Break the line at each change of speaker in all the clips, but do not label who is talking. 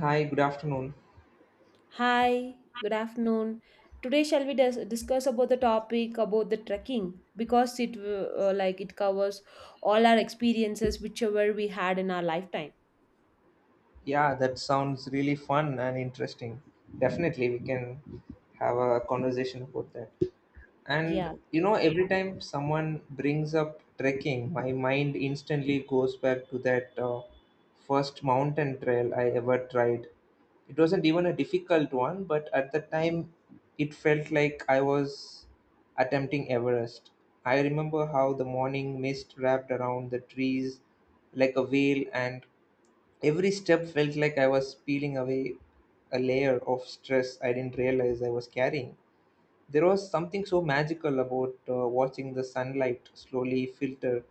Hi, good afternoon.
Hi, good afternoon. Today shall we discuss about the topic about the trekking because it like it covers all our experiences whichever we had in our lifetime.
Yeah, that sounds really fun and interesting. Definitely, we can have a conversation about that.
Yeah,
And you know, every time someone brings up trekking, my mind instantly goes back to that first mountain trail I ever tried. It wasn't even a difficult one, but at the time, it felt like I was attempting Everest. I remember how the morning mist wrapped around the trees like a veil, and every step felt like I was peeling away a layer of stress I didn't realize I was carrying. There was something so magical about watching the sunlight slowly filter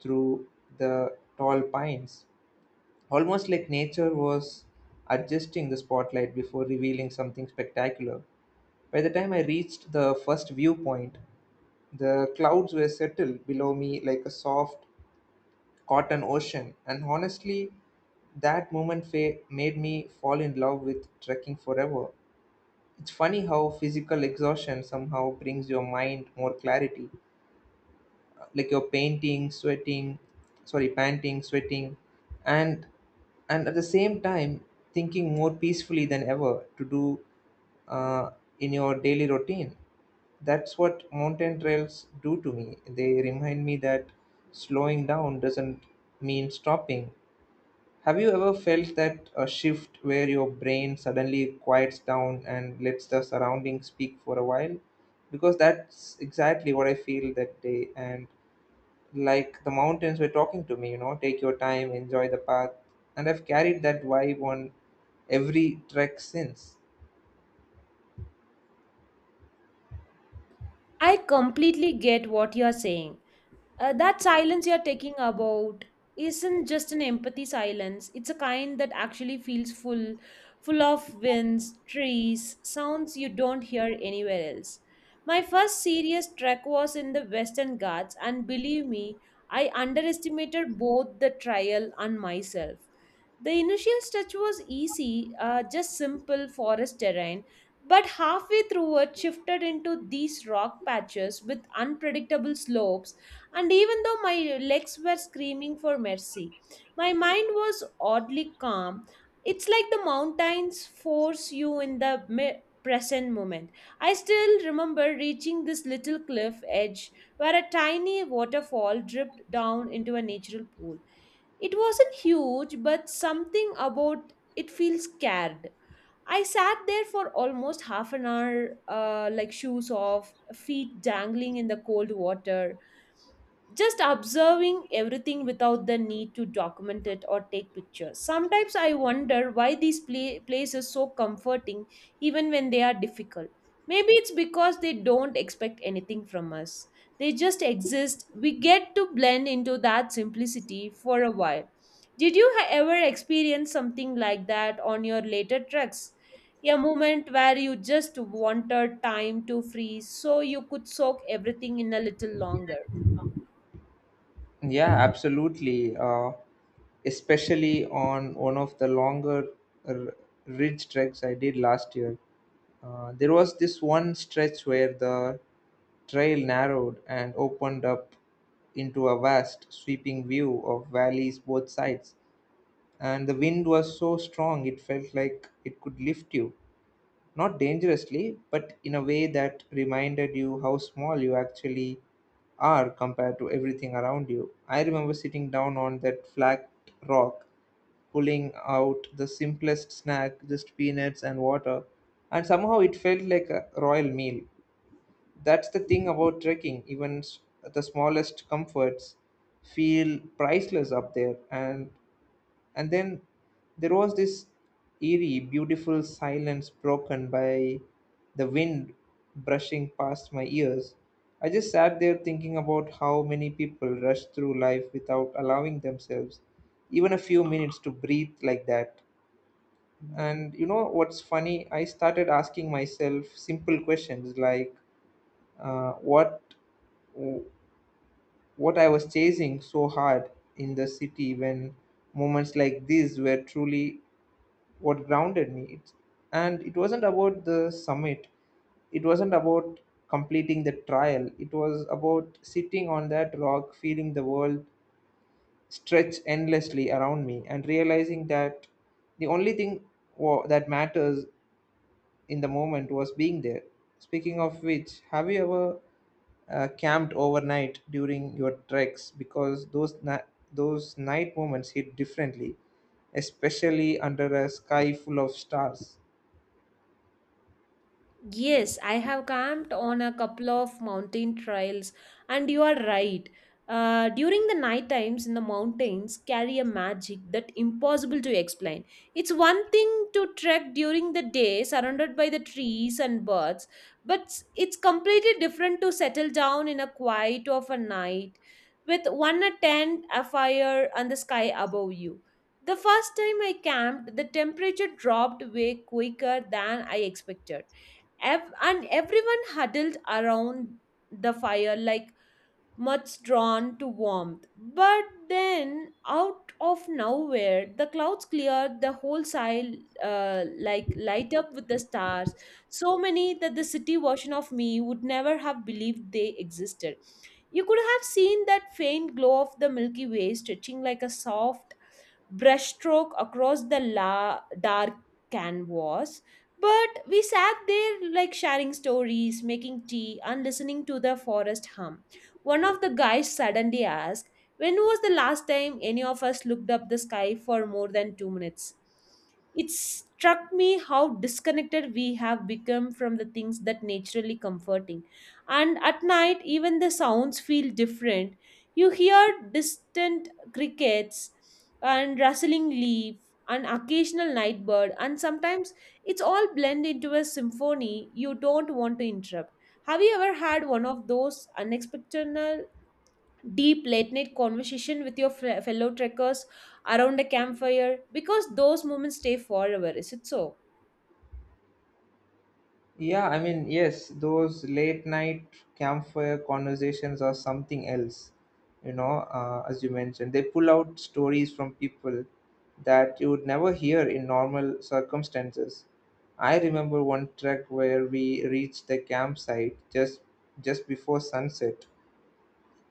through the tall pines, almost like nature was adjusting the spotlight before revealing something spectacular. By the time I reached the first viewpoint, the clouds were settled below me like a soft caught an ocean. And honestly, that moment made me fall in love with trekking forever. It's funny how physical exhaustion somehow brings your mind more clarity. Like you're painting, sweating, sorry, panting, sweating, and at the same time thinking more peacefully than ever to do uh, in your daily routine. That's what mountain trails do to me. They remind me that slowing down doesn't mean stopping. Have you ever felt that a shift where your brain suddenly quiets down and lets the surroundings speak for a while? Because that's exactly what I feel that day. And like the mountains were talking to me, you know, take your time, enjoy the path. And I've carried that vibe on every trek since.
I completely get what you are saying. That silence you're talking about isn't just an empathy silence. It's a kind that actually feels full of winds, trees, sounds you don't hear anywhere else. My first serious trek was in the Western Ghats, and believe me, I underestimated both the trial and myself. The initial stretch was easy, just simple forest terrain, but halfway through it shifted into these rock patches with unpredictable slopes, and even though my legs were screaming for mercy, my mind was oddly calm. It's like the mountains force you in the present moment. I still remember reaching this little cliff edge where a tiny waterfall dripped down into a natural pool. It wasn't huge, but something about it feels scared. I sat there for almost half an hour, like shoes off, feet dangling in the cold water, just observing everything without the need to document it or take pictures. Sometimes I wonder why these places so comforting even when they are difficult. Maybe it's because they don't expect anything from us. They just exist. We get to blend into that simplicity for a while. Did you ever experience something like that on your later treks, a moment where you just wanted time to freeze so you could soak everything in a little longer?
Yeah, absolutely. Especially on one of the longer r- ridge treks I did last year. There was this one stretch where the trail narrowed and opened up into a vast, sweeping view of valleys both sides. And the wind was so strong it felt like it could lift you, not dangerously, but in a way that reminded you how small you actually are compared to everything around you. I remember sitting down on that flat rock, pulling out the simplest snack, just peanuts and water, and somehow it felt like a royal meal. That's the thing about trekking, even the smallest comforts feel priceless up there, and then there was this eerie, beautiful silence broken by the wind brushing past my ears. I just sat there thinking about how many people rush through life without allowing themselves even a few minutes to breathe like that. And you know what's funny? I started asking myself simple questions like uh, what what I was chasing so hard in the city when moments like these were truly what grounded me. It's and it wasn't about the summit, it wasn't about completing the trial, it was about sitting on that rock, feeling the world stretch endlessly around me, and realizing that the only thing that matters in the moment was being there. Speaking of which, have you ever camped overnight during your treks? Because those those night moments hit differently, especially under a sky full of stars.
Yes, I have camped on a couple of mountain trails, and you are right. During the night times in the mountains carry a magic that impossible to explain. It's one thing to trek during the day surrounded by the trees and birds, but it's completely different to settle down in a quiet of a night with one a tent, a fire, and the sky above you. The first time I camped, the temperature dropped way quicker than I expected. And everyone huddled around the fire like much drawn to warmth. But then, out of nowhere, the clouds cleared, the whole sky like light up with the stars, so many that the city version of me would never have believed they existed. You could have seen that faint glow of the Milky Way stretching like a soft brushstroke across the dark canvas. But we sat there like sharing stories, making tea, and listening to the forest hum. One of the guys suddenly asked, when was the last time any of us looked up the sky for more than 2 minutes? It struck me how disconnected we have become from the things that naturally comforting. And at night, even the sounds feel different. You hear distant crickets and rustling leaf, an occasional night bird, and sometimes it's all blend into a symphony you don't want to interrupt. Have you ever had one of those unexpected deep late night conversation with your fellow trekkers around a campfire, because those moments stay forever, is it so?
Yeah, I mean, yes, those late night campfire conversations are something else, you know, as you mentioned. They pull out stories from people that you would never hear in normal circumstances. I remember one trek where we reached the campsite just before sunset,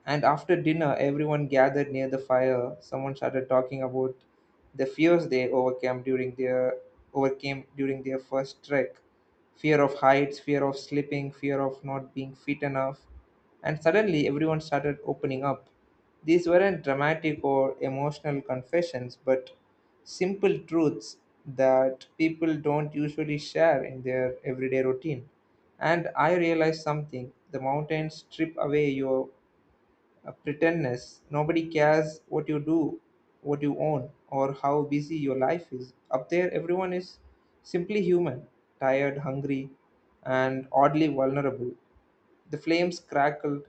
and after dinner, everyone gathered near the fire. Someone started talking about the fears they overcame during their first trek. Fear of heights, fear of slipping, fear of not being fit enough. And suddenly everyone started opening up. These weren't dramatic or emotional confessions, but simple truths that people don't usually share in their everyday routine. And I realized something: the mountains strip away your a pretendness. Nobody cares what you do, what you own, or how busy your life is. Up there, everyone is simply human, tired, hungry, and oddly vulnerable. The flames crackled,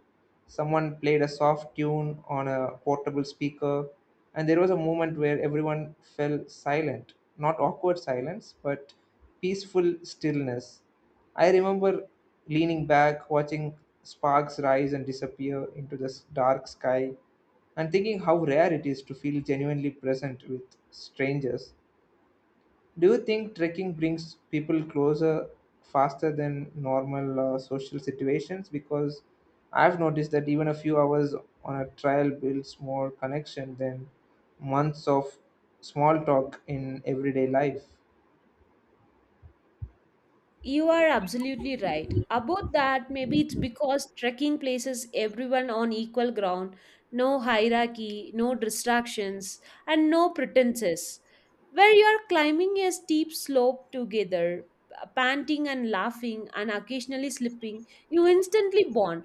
someone played a soft tune on a portable speaker, and there was a moment where everyone fell silent. Not awkward silence, but peaceful stillness. I remember leaning back, watching sparks rise and disappear into this dark sky, and thinking how rare it is to feel genuinely present with strangers. Do you think trekking brings people closer faster than normal social situations? Because I've noticed that even a few hours on a trail builds more connection than months of small talk in everyday life.
You are absolutely right about that. Maybe it's because trekking places everyone on equal ground, no hierarchy, no distractions, and no pretenses. Where you are climbing a steep slope together, panting and laughing, and occasionally slipping, you instantly bond.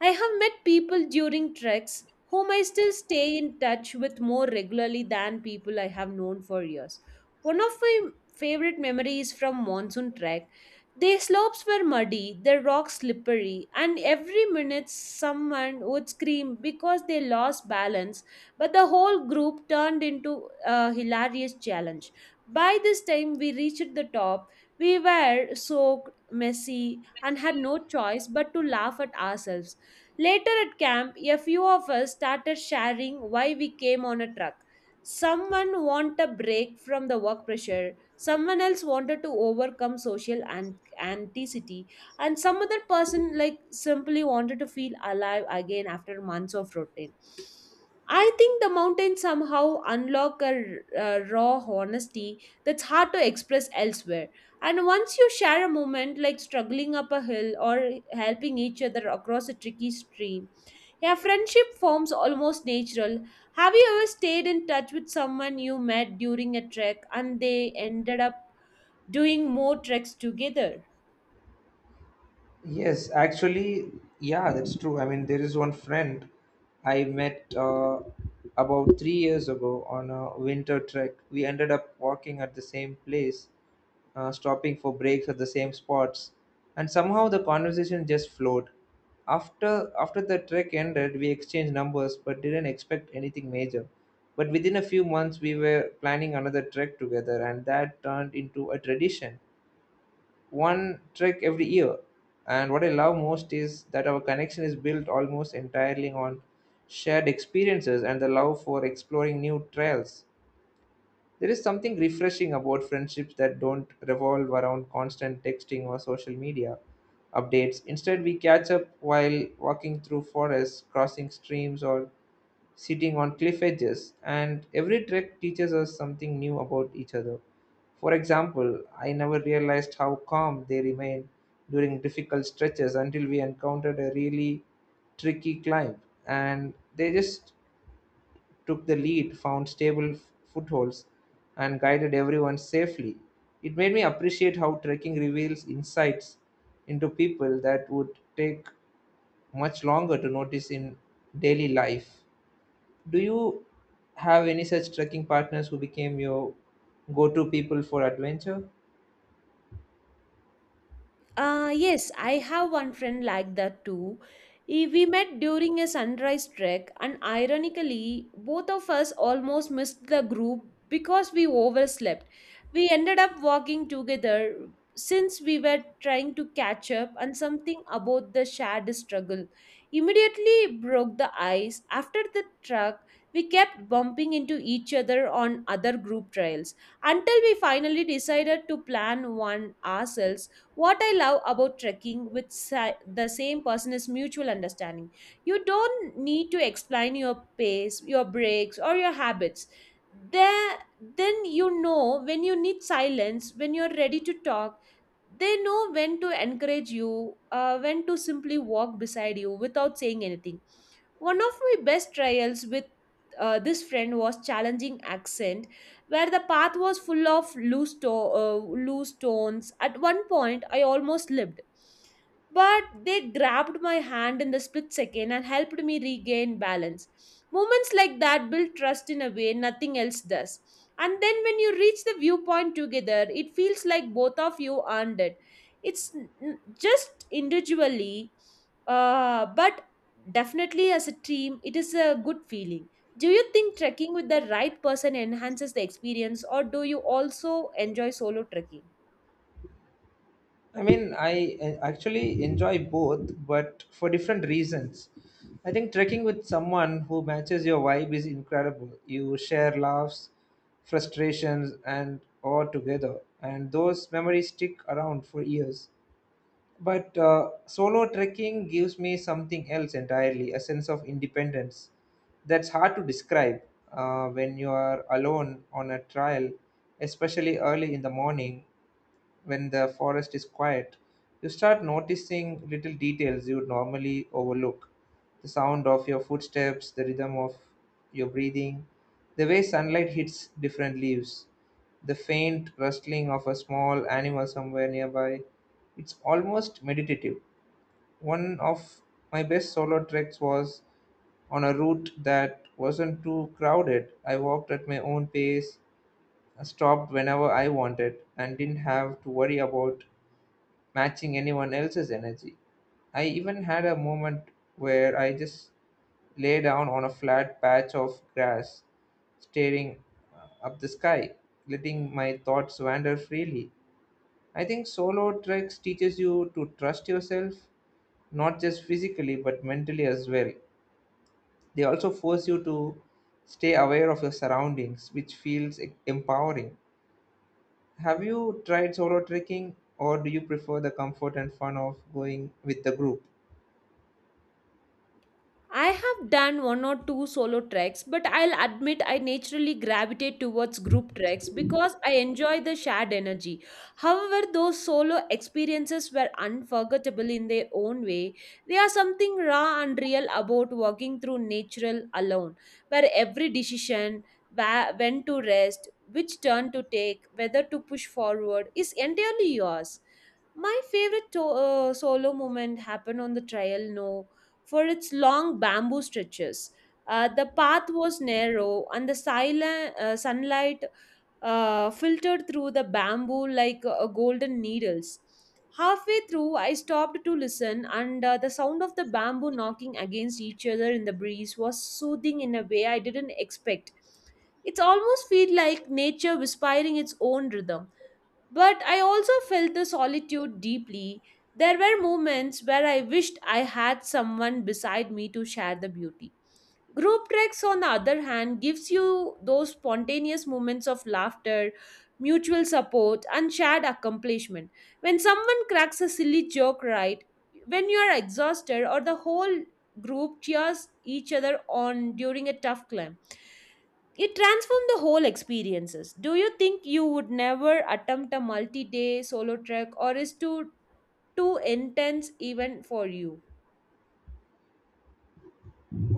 I have met people during treks whom I still stay in touch with more regularly than people I have known for years. One of my favorite memories from monsoon trek, the slopes were muddy, the rocks slippery, and every minute someone would scream because they lost balance. But the whole group turned into a hilarious challenge. By this time, we reached the top. We were soaked, messy, and had no choice but to laugh at ourselves. Later at camp, a few of us started sharing why we came on a truck. Someone wanted a break from the work pressure. Someone else wanted to overcome social anxiety, Anticity, and some other person like simply wanted to feel alive again after months of routine. I think the mountains somehow unlock a raw honesty that's hard to express elsewhere. And once you share a moment like struggling up a hill or helping each other across a tricky stream, yeah, friendship forms almost natural. Have you ever stayed in touch with someone you met during a trek and they ended up doing more treks together?
Yes, actually, yeah, that's true. I mean, there is one friend I met about 3 years ago on a winter trek. We ended up walking at the same place, stopping for breaks at the same spots, and somehow the conversation just flowed. After the trek ended, we exchanged numbers, but didn't expect anything major. But within a few months, we were planning another trek together, and that turned into a tradition, one trek every year. And what I love most is that our connection is built almost entirely on shared experiences and the love for exploring new trails. There is something refreshing about friendships that don't revolve around constant texting or social media updates. Instead, we catch up while walking through forests, crossing streams, or sitting on cliff edges, and every trek teaches us something new about each other. For example, I never realized how calm they remained during difficult stretches until we encountered a really tricky climb, and they just took the lead, found stable footholds, and guided everyone safely. It made me appreciate how trekking reveals insights into people that would take much longer to notice in daily life. Do you have any such trekking partners who became your go to people for adventure?
Yes, I have one friend like that too. We met during a sunrise trek, and ironically, both of us almost missed the group because we overslept. We ended up walking together since we were trying to catch up, and something about the shared struggle immediately broke the ice. After the trek, we kept bumping into each other on other group trails until we finally decided to plan one ourselves. What I love about trekking with the same person is mutual understanding. You don't need to explain your pace, your breaks, or your habits. There, then you know when you need silence, when you're ready to talk. They know when to encourage you, when to simply walk beside you without saying anything. One of my best trials with this friend was challenging accent, where the path was full of loose stones. At one point, I almost slipped, but they grabbed my hand in the split second and helped me regain balance. Moments like that build trust in a way nothing else does. And then when you reach the viewpoint together, it feels like both of you earned it. It's just individually, but definitely, as a team, it is a good feeling. Do you think trekking with the right person enhances the experience, or do you also enjoy solo trekking?
I mean, I actually enjoy both, but for different reasons. I think trekking with someone who matches your vibe is incredible. You share laughs, frustrations, and all together, and those memories stick around for years. But solo trekking gives me something else entirely, a sense of independence that's hard to describe. When you are alone on a trail, especially early in the morning when the forest is quiet, you start noticing little details you would normally overlook. The sound of your footsteps, the rhythm of your breathing, the way sunlight hits different leaves, the faint rustling of a small animal somewhere nearby. It's almost meditative. One of my best solo treks was on a route that wasn't too crowded. I walked at my own pace, stopped whenever I wanted, and didn't have to worry about matching anyone else's energy. I even had a moment where I just lay down on a flat patch of grass, staring up the sky, letting my thoughts wander freely. I think solo treks teaches you to trust yourself, not just physically but mentally as well. They also force you to stay aware of your surroundings, which feels empowering. Have you tried solo trekking or do you prefer the comfort and fun of going with the group?
I have done one or two solo treks, but I'll admit I naturally gravitate towards group treks because I enjoy the shared energy. However, those solo experiences were unforgettable in their own way. They are something raw and real about walking through nature alone, where every decision, when to rest, which turn to take, whether to push forward, is entirely yours. My favorite solo moment happened on the trail, no, for its long bamboo stretches. The path was narrow, and the silent sunlight filtered through the bamboo like golden needles. Halfway through, I stopped to listen, and the sound of the bamboo knocking against each other in the breeze was soothing in a way I didn't expect. It almost felt like nature whispering its own rhythm. But I also felt the solitude deeply. There were moments where I wished I had someone beside me to share the beauty. Group treks, on the other hand, gives you those spontaneous moments of laughter, mutual support, and shared accomplishment. When someone cracks a silly joke right, when you are exhausted or the whole group cheers each other on during a tough climb, it transformed the whole experiences. Do you think you would never attempt a multi day solo trek, or is too intense even for you?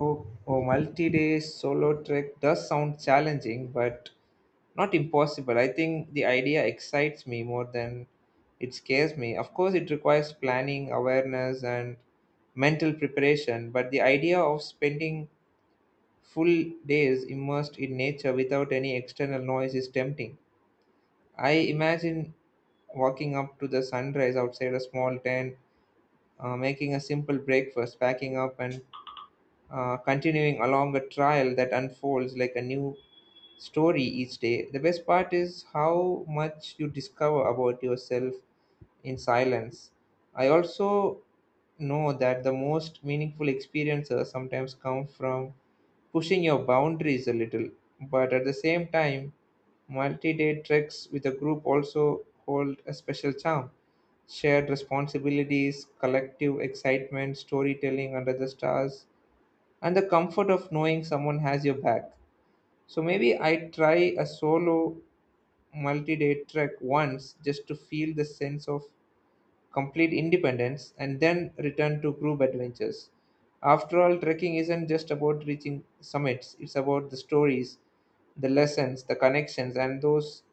Oh, oh, multi-day solo trek does sound challenging, but not impossible. I think the idea excites me more than it scares me. Of course, it requires planning, awareness, and mental preparation, but the idea of spending full days immersed in nature without any external noise is tempting. I imagine walking up to the sunrise outside a small tent, making a simple breakfast, packing up, and continuing along a trial that unfolds like a new story each day. The best part is how much you discover about yourself in silence. I also know that the most meaningful experiences sometimes come from pushing your boundaries a little, but at the same time, multi day treks with a group also hold a special charm: shared responsibilities, collective excitement, storytelling under the stars, and the comfort of knowing someone has your back. So maybe I try a solo multi day trek once just to feel the sense of complete independence and then return to group adventures. After all, trekking isn't just about reaching summits, it's about the stories, the lessons, the connections, and those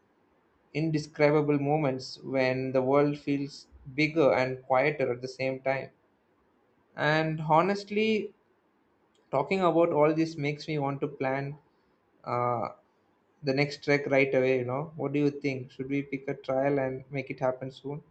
indescribable moments when the world feels bigger and quieter at the same time. And honestly, talking about all this makes me want to plan uh, the next trek right away. You know what do you think, should we pick a trial and make it happen soon?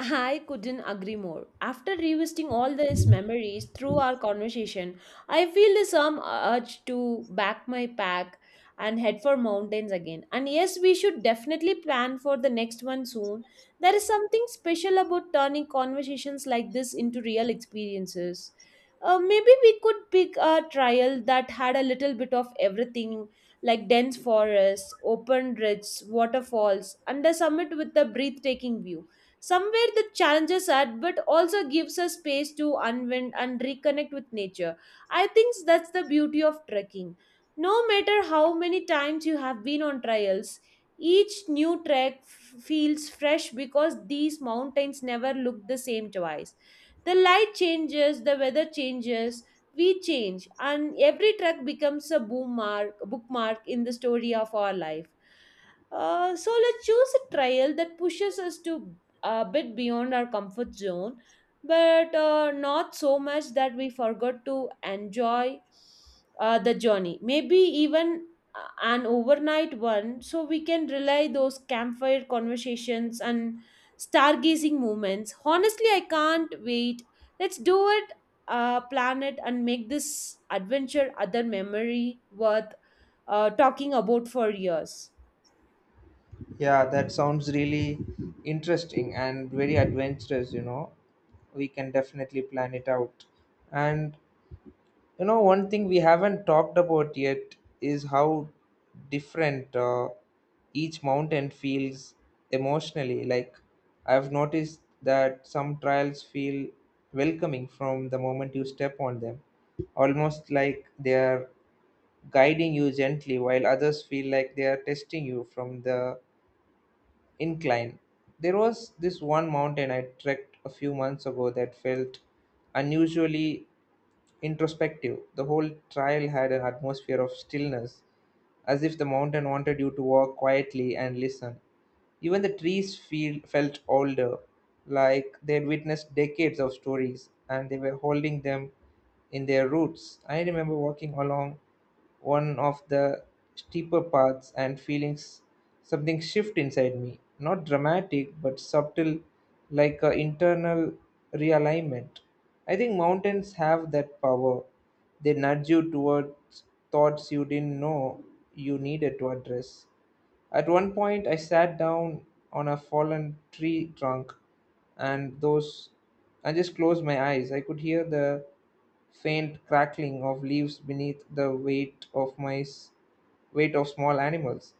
I couldn't agree more. After revisiting all these memories through our conversation, I feel the some urge to back my pack and head for mountains again. And yes, we should definitely plan for the next one soon. There is something special about turning conversations like this into real experiences. Maybe we could pick a trial that had a little bit of everything, like dense forests, open ridges, waterfalls, and a summit with a breathtaking view. Somewhere the challenges are, but also gives us space to unwind and reconnect with nature. I think that's the beauty of trekking. No matter how many times you have been on trials, each new trek feels fresh because these mountains never look the same twice. The light changes, the weather changes, we change, and every trek becomes a bookmark in the story of our life. So let's choose a trail that pushes us to a bit beyond our comfort zone, but not so much that we forgot to enjoy the journey. Maybe even an overnight one, so we can rely those campfire conversations and stargazing moments. Honestly, I can't wait. Let's do it, plan it, and make this adventure other memory worth talking about for years.
Yeah, that sounds really interesting and very adventurous. You know, we can definitely plan it out, and you know, one thing we haven't talked about yet is how different each mountain feels emotionally. Like, I've noticed that some trials feel welcoming from the moment you step on them, almost like they are guiding you gently, while others feel like they are testing you from the incline. There was this one mountain I trekked a few months ago that felt unusually introspective. The whole trail had an atmosphere of stillness, as if the mountain wanted you to walk quietly and listen. Even the trees felt older, like they had witnessed decades of stories and they were holding them in their roots. I remember walking along one of the steeper paths and feelings something shift inside me, not dramatic but subtle, like a internal realignment. I think mountains have that power. They nudge you towards thoughts you didn't know you needed to address. At one point, I sat down on a fallen tree trunk and those I just closed my eyes. I could hear the faint crackling of leaves beneath the weight of small animals,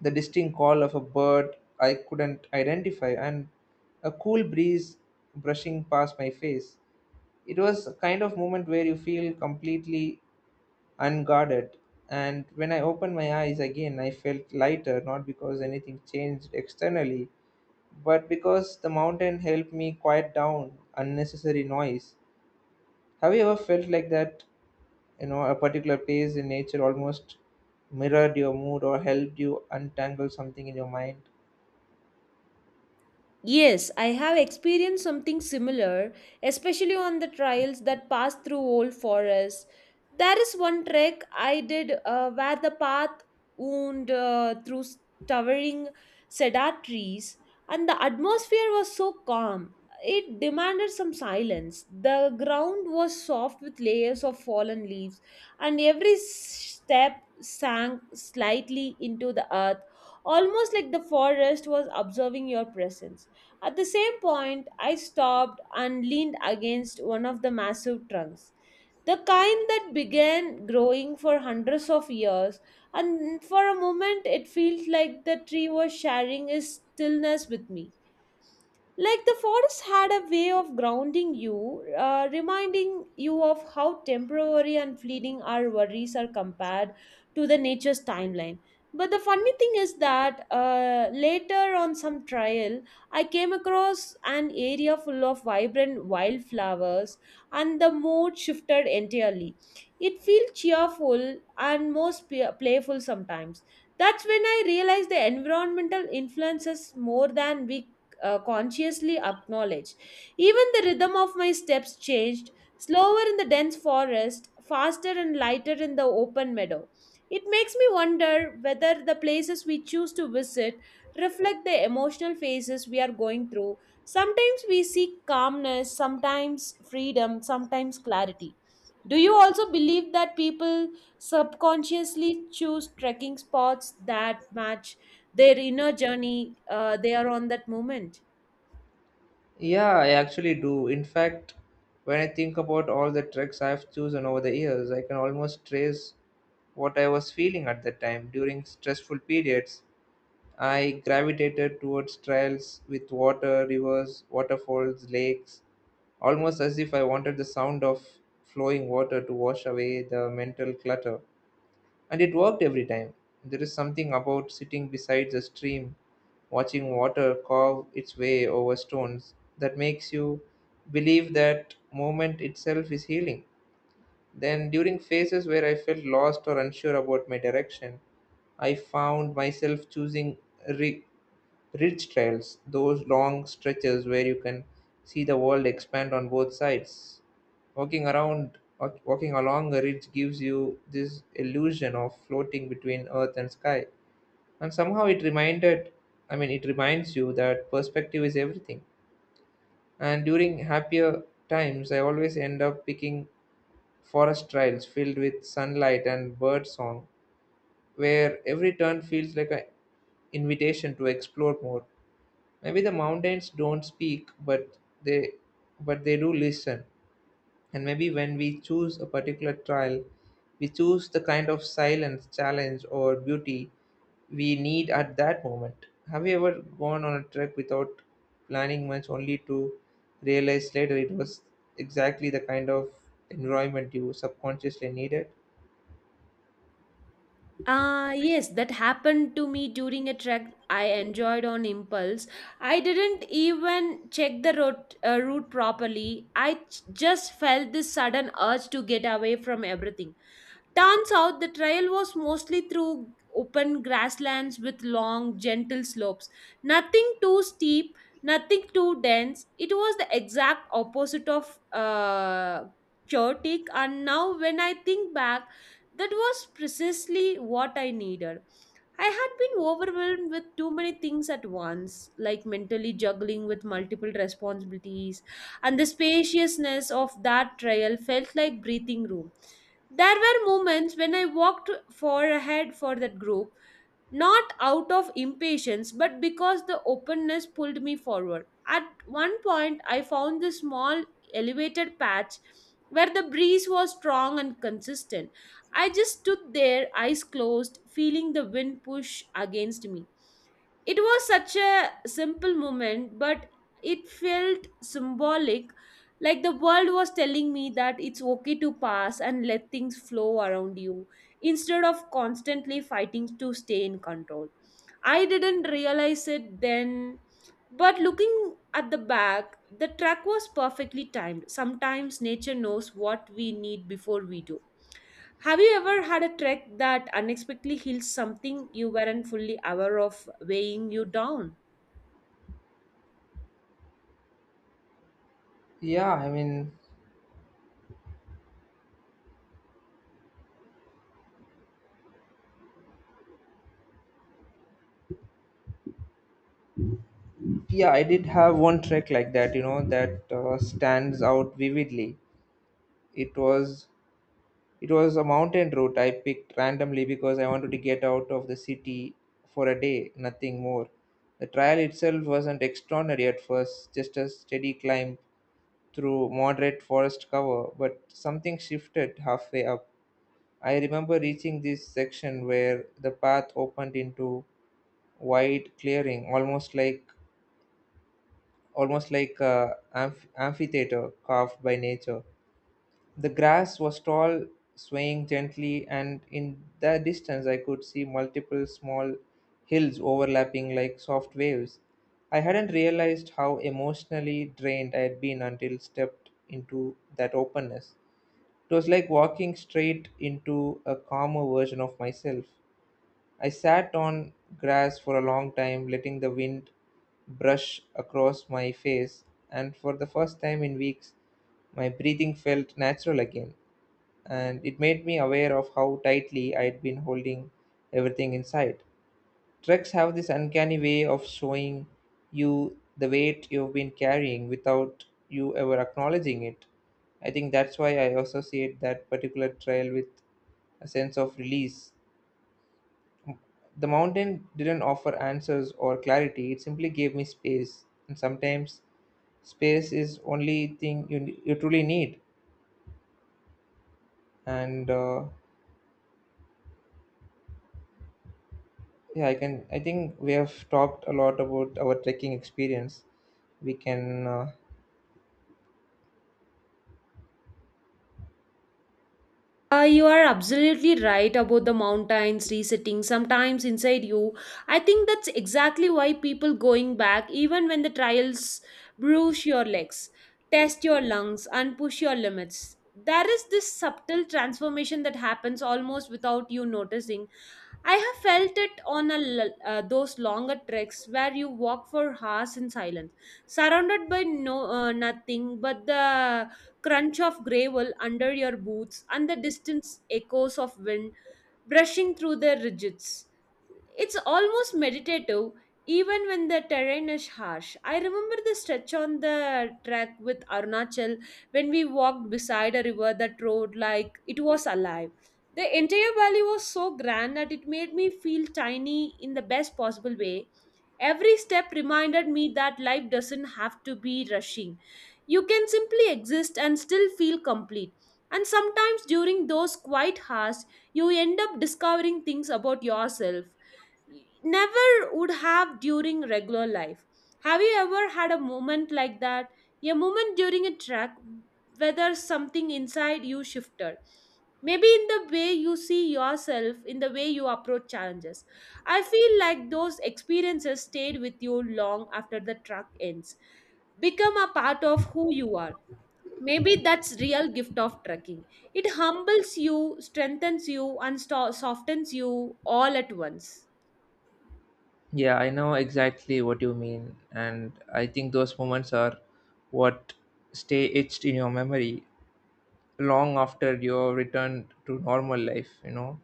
the distinct call of a bird I couldn't identify, and a cool breeze brushing past my face. It was a kind of moment where you feel completely unguarded. And when I opened my eyes again, I felt lighter, not because anything changed externally, but because the mountain helped me quiet down unnecessary noise. Have you ever felt like that? You know, a particular place in nature almost mirrored your mood or helped you untangle something in your mind?
Yes, I have experienced something similar, especially on the trails that pass through old forests. There is one trek I did where the path wound through towering cedar trees, and the atmosphere was so calm. It demanded some silence. The ground was soft with layers of fallen leaves, and every step sank slightly into the earth, almost like the forest was observing your presence. At the same point, I stopped and leaned against one of the massive trunks, the kind that began growing for hundreds of years, and for a moment it felt like the tree was sharing its stillness with me. Like the forest had a way of grounding you, reminding you of how temporary and fleeting our worries are compared to the nature's timeline. But the funny thing is that later on some trail, I came across an area full of vibrant wildflowers, and the mood shifted entirely. It feels cheerful and most playful sometimes. That's when I realized the environmental influences more than we consciously acknowledge. Even the rhythm of my steps changed, slower in the dense forest, faster and lighter in the open meadow. It makes me wonder whether the places we choose to visit reflect the emotional phases we are going through. Sometimes we seek calmness, sometimes freedom, sometimes clarity. Do you also believe that people subconsciously choose trekking spots that match their inner journey they are on that moment?
Yeah, I actually do. In fact, when I think about all the treks I've chosen over the years, I can almost trace what I was feeling at that time. During stressful periods I gravitated towards trails with water, rivers, waterfalls, lakes, almost as if I wanted the sound of flowing water to wash away the mental clutter. And it worked every time. There is something about sitting beside a stream, watching water carve its way over stones, that makes you believe that movement itself is healing. Then, during phases where I felt lost or unsure about my direction, I found myself choosing re- ridge trails, those long stretches where you can see the world expand on both sides. Walking along a ridge gives you this illusion of floating between earth and sky. And somehow it reminded, I mean, it reminds you that perspective is everything. And during happier times, I always end up picking forest trails filled with sunlight and bird song, where every turn feels like an invitation to explore more. Maybe the mountains don't speak, they but they do listen. And maybe when we choose a particular trail, we choose the kind of silence, challenge, or beauty we need at that moment. Have you ever gone on a trek without planning much, only to realize later it was exactly the kind of environment you subconsciously needed?
Yes, that happened to me during a trek I enjoyed on impulse. I didn't even check the route, route properly. I just felt this sudden urge to get away from everything. Turns out the trail was mostly through open grasslands with long, gentle slopes. Nothing too steep, nothing too dense. It was the exact opposite of chaotic. And now, when I think back, that was precisely what I needed. I had been overwhelmed with too many things at once, like mentally juggling with multiple responsibilities, and the spaciousness of that trail felt like breathing room. There were moments when I walked far ahead for that group, not out of impatience, but because the openness pulled me forward. At one point, I found this small elevated patch where the breeze was strong and consistent. I just stood there, eyes closed, feeling the wind push against me. It was such a simple moment, but it felt symbolic, like the world was telling me that it's okay to pass and let things flow around you instead of constantly fighting to stay in control. I didn't realize it then, but looking at the back, the track was perfectly timed. Sometimes nature knows what we need before we do. Have you ever had a trek that unexpectedly heals something you weren't fully aware of weighing you down?
Yeah, I mean, yeah, I did have one trek like that, you know, that stands out vividly. It was It was a mountain route I picked randomly because I wanted to get out of the city for a day, nothing more. The trail itself wasn't extraordinary at first, just a steady climb through moderate forest cover, but something shifted halfway up. I remember reaching this section where the path opened into wide clearing, almost like a amphitheater carved by nature. The grass was tall, swaying gently, and in the distance I could see multiple small hills overlapping like soft waves. I hadn't realized how emotionally drained I had been until stepped into that openness. It was like walking straight into a calmer version of myself. I sat on grass for a long time, letting the wind brush across my face, and for the first time in weeks, my breathing felt natural again, and it made me aware of how tightly I'd been holding everything inside. Treks have this uncanny way of showing you the weight you've been carrying without you ever acknowledging it. I think that's why I associate that particular trail with a sense of release. The mountain didn't offer answers or clarity, it simply gave me space. And sometimes space is only thing you truly need. And yeah, I can. I think we have talked a lot about our trekking experience. We can.
You are absolutely right about the mountains resetting sometimes inside you. I think that's exactly why people going back, even when the trials bruise your legs, test your lungs, and push your limits. There is this subtle transformation that happens almost without you noticing. I have felt it on those longer treks where you walk for hours in silence, surrounded by nothing but the crunch of gravel under your boots and the distant echoes of wind brushing through the ridges. It's almost meditative, even when the terrain is harsh. I remember the stretch on the track with Arunachal when we walked beside a river that roared like it was alive. The entire valley was so grand that it made me feel tiny in the best possible way. Every step reminded me that life doesn't have to be rushing. You can simply exist and still feel complete. And sometimes during those quiet hours, you end up discovering things about yourself never would have during regular life. Have you ever had a moment like that? A moment during a track, whether something inside you shifted. Maybe in the way you see yourself, in the way you approach challenges. I feel like those experiences stayed with you long after the track ends. Become a part of who you are. Maybe that's real gift of trekking. It humbles you, strengthens you, and softens you all at once.
Yeah, I know exactly what you mean, and I think those moments are what stay etched in your memory long after your return to normal life. You know,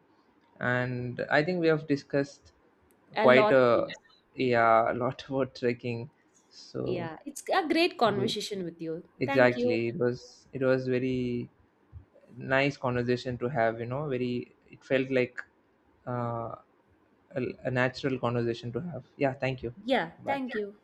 and I think we have discussed
A
quite
lot
a,
things.
yeah, a lot about trekking. So
Yeah. It's a great
we-
conversation with you. Thank you.
exactly, it was very nice conversation to have. You know, very it felt like uh, a natural conversation to have. Yeah, thank you.
Yeah.
Bye.
Thank you.